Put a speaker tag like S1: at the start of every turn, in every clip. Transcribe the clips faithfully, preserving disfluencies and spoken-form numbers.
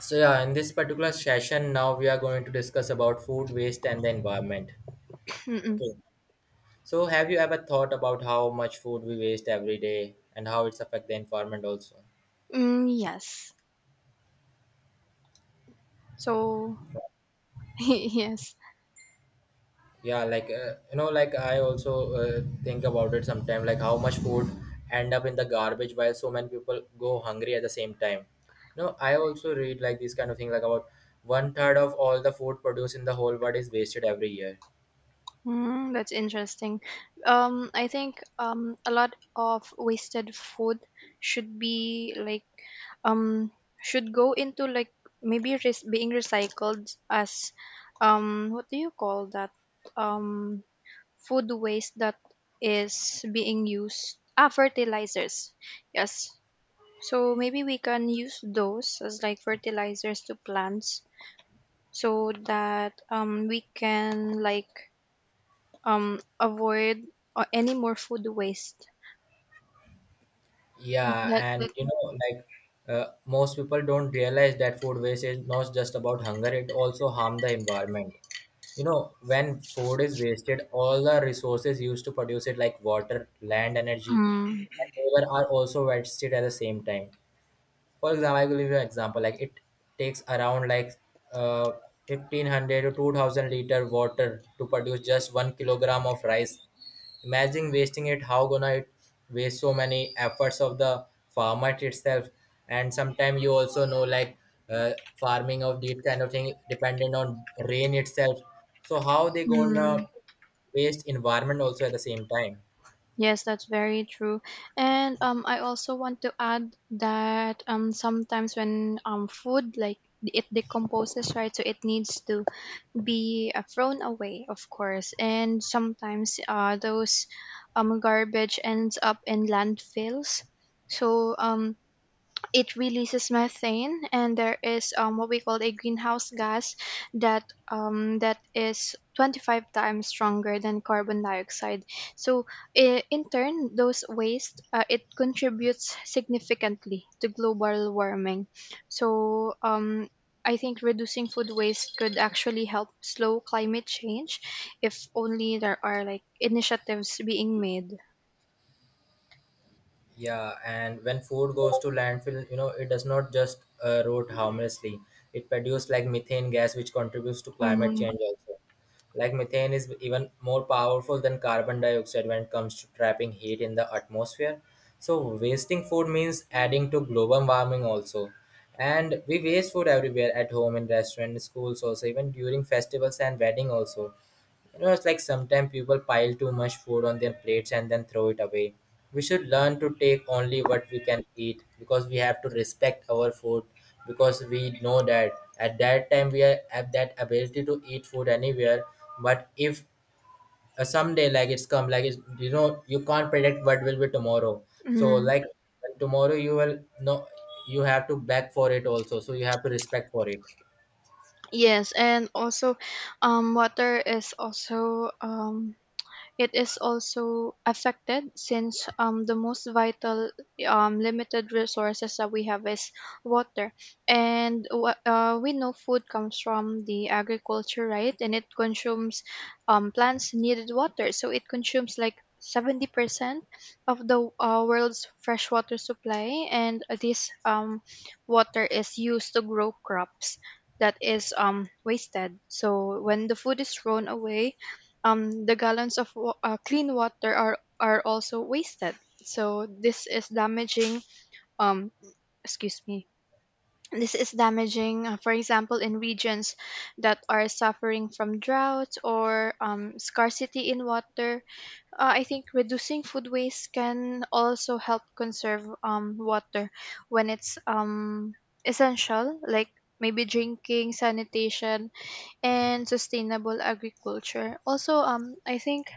S1: So yeah, in this particular session, now we are going to discuss about food waste and the environment.
S2: Mm-mm.
S1: Okay. So have you ever thought about how much food we waste every day and how it's affect the environment also?
S2: Mm, yes. So yes.
S1: Yeah, like uh, you know, like I also uh, think about it sometimes, like how much food end up in the garbage while so many people go hungry at the same time. You know, I also read like this kind of thing, like about one third of all the food produced in the whole world is wasted every year.
S2: Mm, that's interesting. Um, I think um a lot of wasted food should be like um should go into like maybe res- being recycled as um what do you call that um food waste that is being used ah fertilizers, yes. So maybe we can use those as like fertilizers to plants so that um, we can like um, avoid uh, any more food waste. And
S1: Yeah,
S2: That,
S1: and
S2: that
S1: you know, like uh, most people don't realize that food waste is not just about hunger, it also harm the environment. You know, when food is wasted, all the resources used to produce it, like water, land, energy,
S2: Mm.
S1: and labor, are also wasted at the same time. For example, I will give you an example, like it takes around like uh, fifteen hundred to two thousand liter water to produce just one kilogram of rice. Imagine wasting it. How gonna it waste so many efforts of the farmer itself. And sometimes you also know like uh, farming of these kind of thing dependent on rain itself, so how they gonna
S2: Mm.
S1: waste environment also at the same time.
S2: Yes, that's very true. And um, I also want to add that um, sometimes when um, food like it decomposes, right? So it needs to be uh, thrown away, of course, and sometimes uh, those um, garbage ends up in landfills. So um, it releases methane and there is um, what we call a greenhouse gas that um, that is twenty-five times stronger than carbon dioxide. So i- in turn those waste uh, it contributes significantly to global warming. So um, I think reducing food waste could actually help slow climate change if only there are like initiatives being made.
S1: Yeah, and when food goes to landfill, you know, it does not just uh, rot harmlessly. It produces like methane gas, which contributes to climate
S2: Mm.
S1: change also. Like methane is even more powerful than carbon dioxide when it comes to trapping heat in the atmosphere. So wasting food means adding to global warming also. And we waste food everywhere, at home, in restaurants, schools also, even during festivals and wedding also. You know, it's like sometimes people pile too much food on their plates and then throw it away. We should learn to take only what we can eat, because we have to respect our food, because we know that at that time we are, have that ability to eat food anywhere. But if uh, someday like it's come, like it's, you know, you can't predict what will be tomorrow. So
S2: Mm.
S1: like tomorrow you will no, you have to beg for it also. So you have to respect for it.
S2: Yes, and also, um, water is also um it is also affected, since um, the most vital um, limited resources that we have is water. And wha- uh, we know food comes from the agriculture, right? And it consumes um, plants needed water. So it consumes like seventy percent of the uh, world's freshwater supply. And this um, water is used to grow crops that is um wasted. So when the food is thrown away, um, the gallons of wa- uh, clean water are are also wasted. So this is damaging. Um, excuse me. This is damaging, uh, for example, in regions that are suffering from drought or um, scarcity in water. Uh, I think reducing food waste can also help conserve um, water when it's um, essential, like maybe drinking, sanitation, and sustainable agriculture. Also, um, I think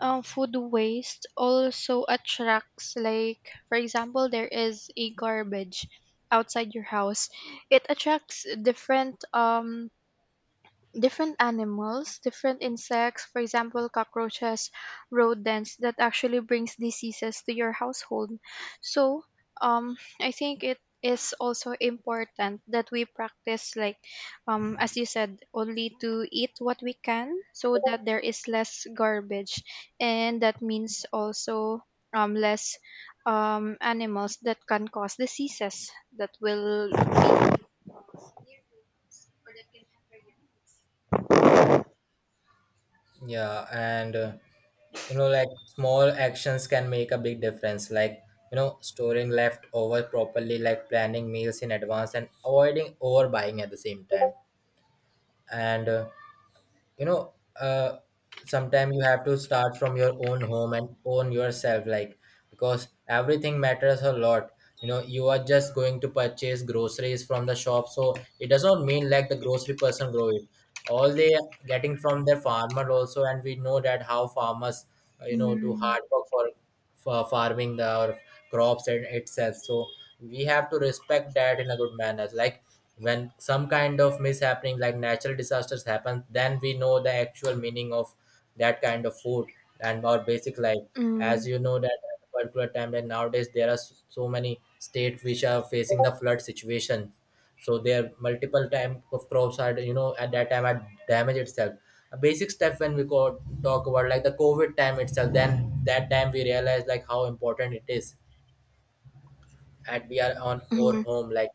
S2: um, food waste also attracts, like, for example, there is a garbage outside your house, it attracts different um different animals, different insects, for example, cockroaches, rodents, that actually brings diseases to your household. So, um, I think it is also important that we practice like, um as you said, only to eat what we can, so that there is less garbage, and that means also um less um animals that can cause diseases that will be near your house or that can
S1: Yeah, and uh, you know, like small actions can make a big difference, like you know, storing leftover properly, like planning meals in advance and avoiding overbuying at the same time. And uh, you know uh sometimes you have to start from your own home and own yourself, like because everything matters a lot. You know, you are just going to purchase groceries from the shop, so it does not mean like the grocery person grow it, all they are getting from their farmer also. And we know that how farmers uh, you know do
S2: Mm.
S1: hard work for for farming the our crops and itself, so we have to respect that in a good manner, like when some kind of mishappening like natural disasters happen, then we know the actual meaning of that kind of food and our basic life. As
S2: Mm.
S1: you know that at a particular time, that nowadays there are s- so many states which are facing the flood situation, so there multiple type of crops are, you know, at that time had damage itself. A basic step, when we go talk about like the COVID time itself, then that time we realize like how important it is, and we are on our
S2: Mhm.
S1: home like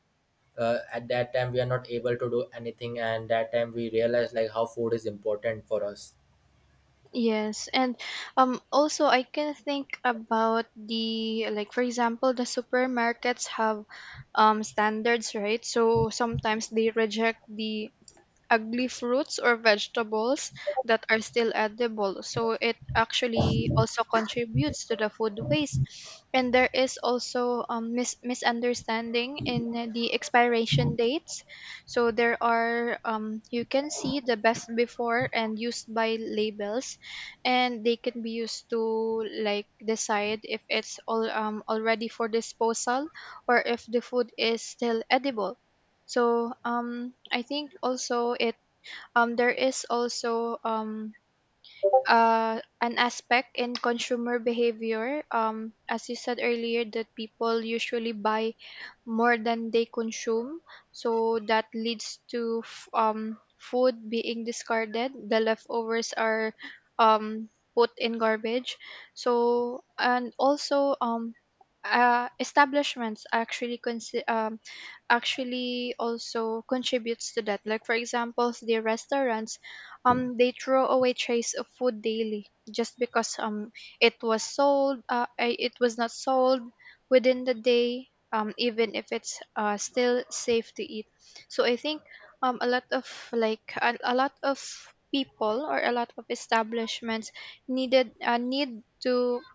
S1: uh, at that time we are not able to do anything, and that time we realize like how food is important for us.
S2: Yes, and um also I can think about the, like, for example, the supermarkets have um standards, right? So sometimes they reject the ugly fruits or vegetables that are still edible. So it actually also contributes to the food waste. And there is also um, mis- misunderstanding in the expiration dates. So there are, um, you can see the best before and used by labels, and they can be used to like decide if it's all um, already for disposal or if the food is still edible. So um, I think also it um, There is also um, uh, an aspect in consumer behavior. Um, as you said earlier, that people usually buy more than they consume. So that leads to f- um, food being discarded. The leftovers are um, put in garbage. So and also um, uh, establishments actually consi- um, actually also contributes to that. Like for example, the restaurants, um, they throw away trays of food daily just because um it was sold, uh, I- it was not sold within the day, um, even if it's uh, still safe to eat. So I think um, a lot of like a, a lot of people or a lot of establishments needed uh, need to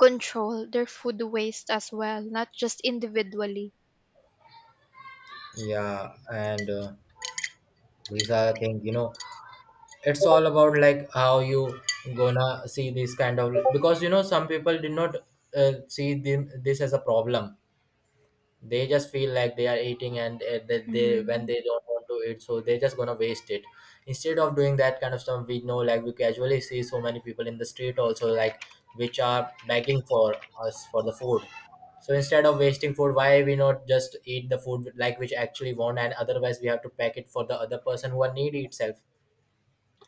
S2: control their food waste as well, not just individually.
S1: Yeah, and uh, these are the things, you know, it's all about like how you gonna see this kind of. Because, you know, some people did not uh, see them, this as a problem. They just feel like they are eating, and uh, that they when
S2: Mhm.
S1: they don't want to eat, so they're just gonna waste it. Instead of doing that kind of stuff, we know like we casually see so many people in the street also, like which are begging for us for the food. So instead of wasting food, why we not just eat the food like which actually want, and otherwise we have to pack it for the other person who are needy itself.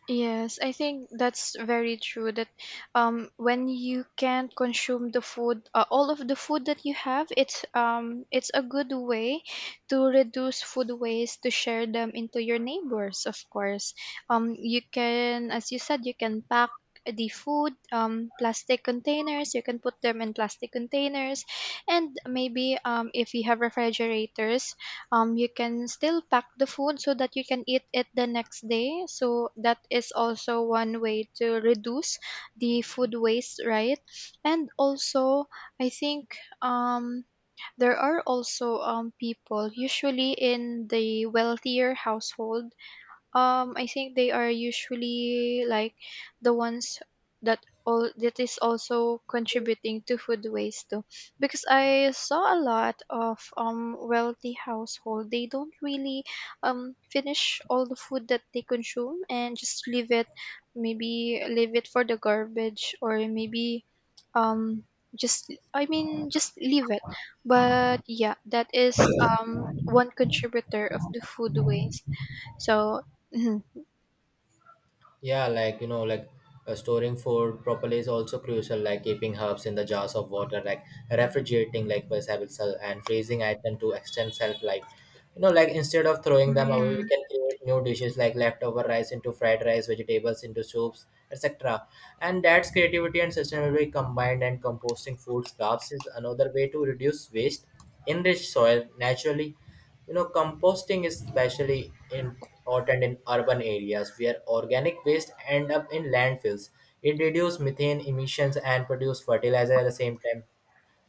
S2: Yes, I think that's very true that um when you can not consume the food, uh, all of the food that you have, it's um it's a good way to reduce food waste, to share them into your neighbors, of course. Um, you can, as you said, you can pack the food, um plastic containers, you can put them in plastic containers, and maybe um if you have refrigerators, um, you can still pack the food so that you can eat it the next day. So that is also one way to reduce the food waste, right? And also, I think um, there are also um, people, usually in the wealthier household, um, I think they are usually like the ones that all that is also contributing to food waste too. Because I saw a lot of um wealthy household, they don't really um finish all the food that they consume and just leave it, maybe leave it for the garbage, or maybe um just I mean just leave it. But yeah, that is um one contributor of the food waste, so, mhm.
S1: Yeah, like you know, like uh, storing food properly is also crucial. Like keeping herbs in the jars of water, like refrigerating, like vegetable cell and freezing item to extend shelf life. You know, like instead of throwing them away, we
S2: Mm.
S1: can create new dishes, like leftover rice into fried rice, vegetables into soups, etc. And that's creativity and sustainability combined. And composting food scraps is another way to reduce waste, enrich soil naturally. You know, composting is especially important in urban areas where organic waste end up in landfills. It reduces methane emissions and produce fertilizer at the same time.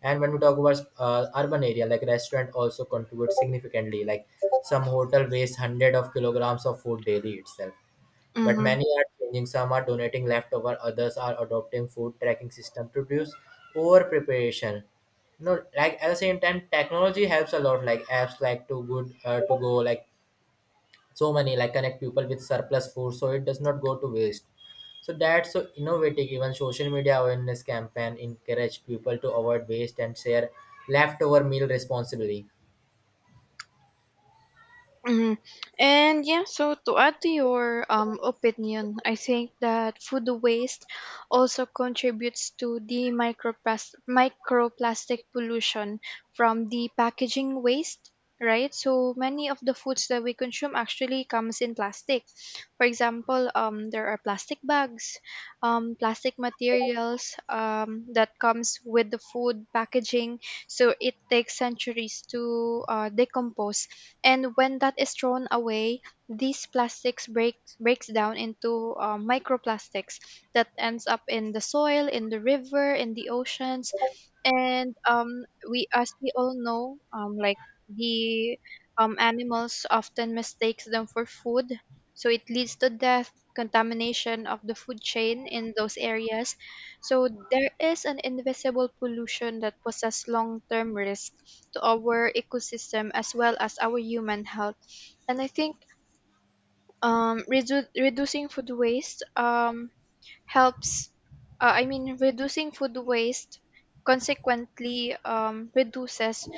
S1: And when we talk about uh, urban area, like restaurant also contributes significantly. Like some hotel waste hundred of kilograms of food daily itself. But
S2: Mhm.
S1: many are changing. Some are donating leftover. Others are adopting food tracking system to reduce over preparation. No, like at the same time, technology helps a lot. Like apps like to good uh, to go, like so many like connect people with surplus food, so it does not go to waste. So that's so innovative. Even social media awareness campaign encourage people to avoid waste and share leftover meal responsibly.
S2: Mhm. And yeah, so to add to your um, opinion, I think that food waste also contributes to the microplas- microplastic pollution from the packaging waste, right? So many of the foods that we consume actually comes in plastic. For example, um, there are plastic bags, um, plastic materials um, that comes with the food packaging. So it takes centuries to uh, decompose, and when that is thrown away, these plastics breaks breaks down into uh, microplastics that ends up in the soil, in the river, in the oceans, and um, we, as we all know, um, like the um, animals often mistakes them for food. So it leads to death, contamination of the food chain in those areas. So there is an invisible pollution that poses long-term risk to our ecosystem as well as our human health. And I think um, redu- reducing food waste um, helps uh, I mean reducing food waste consequently um, reduces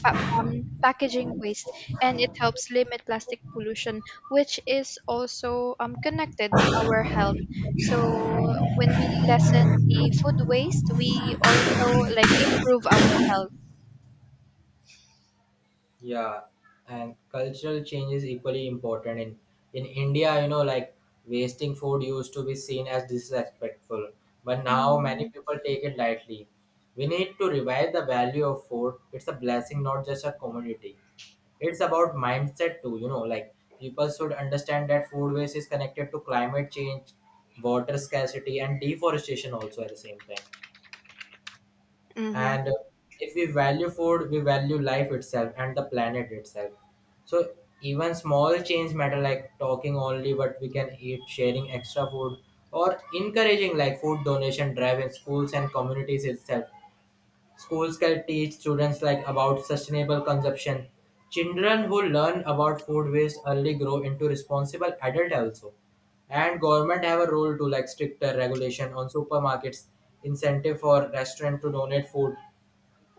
S2: fa- um, packaging waste, and it helps limit plastic pollution, which is also um, connected to our health. So when we lessen the food waste we also like improve our health.
S1: Yeah, and cultural change is equally important. In in India, you know, like wasting food used to be seen as disrespectful, but now many
S2: Mm-hmm.
S1: people take it lightly. We need to revive the value of food. It's a blessing, not just a commodity. It's about mindset too, you know, like people should understand that food waste is connected to climate change, water scarcity, and deforestation also at the same time. And if we value food, we value life itself and the planet itself. So even small change matter, like talking only what we can eat, sharing extra food, or encouraging like food donation drive in schools and communities itself. Schools can teach students like about sustainable consumption. Children who learn about food waste early grow into responsible adult also. And government have a role to, like stricter regulation on supermarkets, incentive for restaurant to donate food,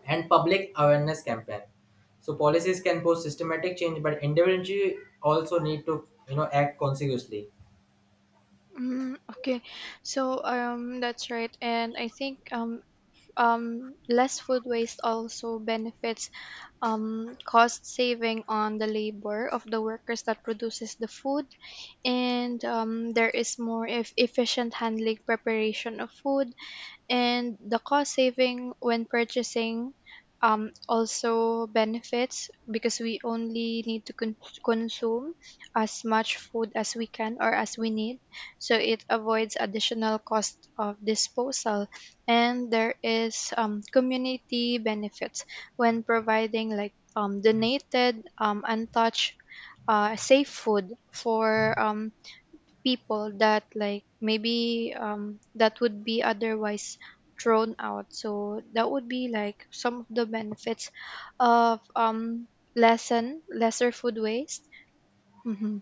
S1: and public awareness campaign. So policies can pose systematic change, but individually also need to, you know, act consequently.
S2: Mm, okay. So um that's right. And I think um um, less food waste also benefits um, cost saving on the labor of the workers that produces the food, and um, there is more if efficient handling preparation of food, and the cost saving when purchasing, um, also benefits, because we only need to con- consume as much food as we can or as we need, so it avoids additional cost of disposal. And there is um, community benefits when providing like um, donated um, untouched uh, safe food for um, people that, like, maybe um that would be otherwise thrown out. So that would be like some of the benefits of um lessen lesser food waste. Mm-hmm.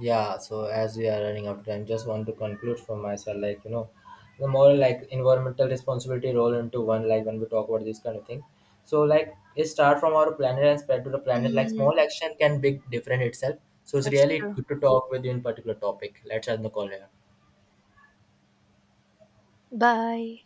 S1: Yeah, so as we are running out of time, just want to conclude for myself, like you know, the more like environmental responsibility roll into one, like when we talk about this kind of thing. So like it start from our planet and spread to the planet. Like small
S2: Mm.
S1: action can big difference itself. So it's
S2: That's
S1: really
S2: true.
S1: good to talk with you in particular topic. Let's end the call here.
S2: Bye.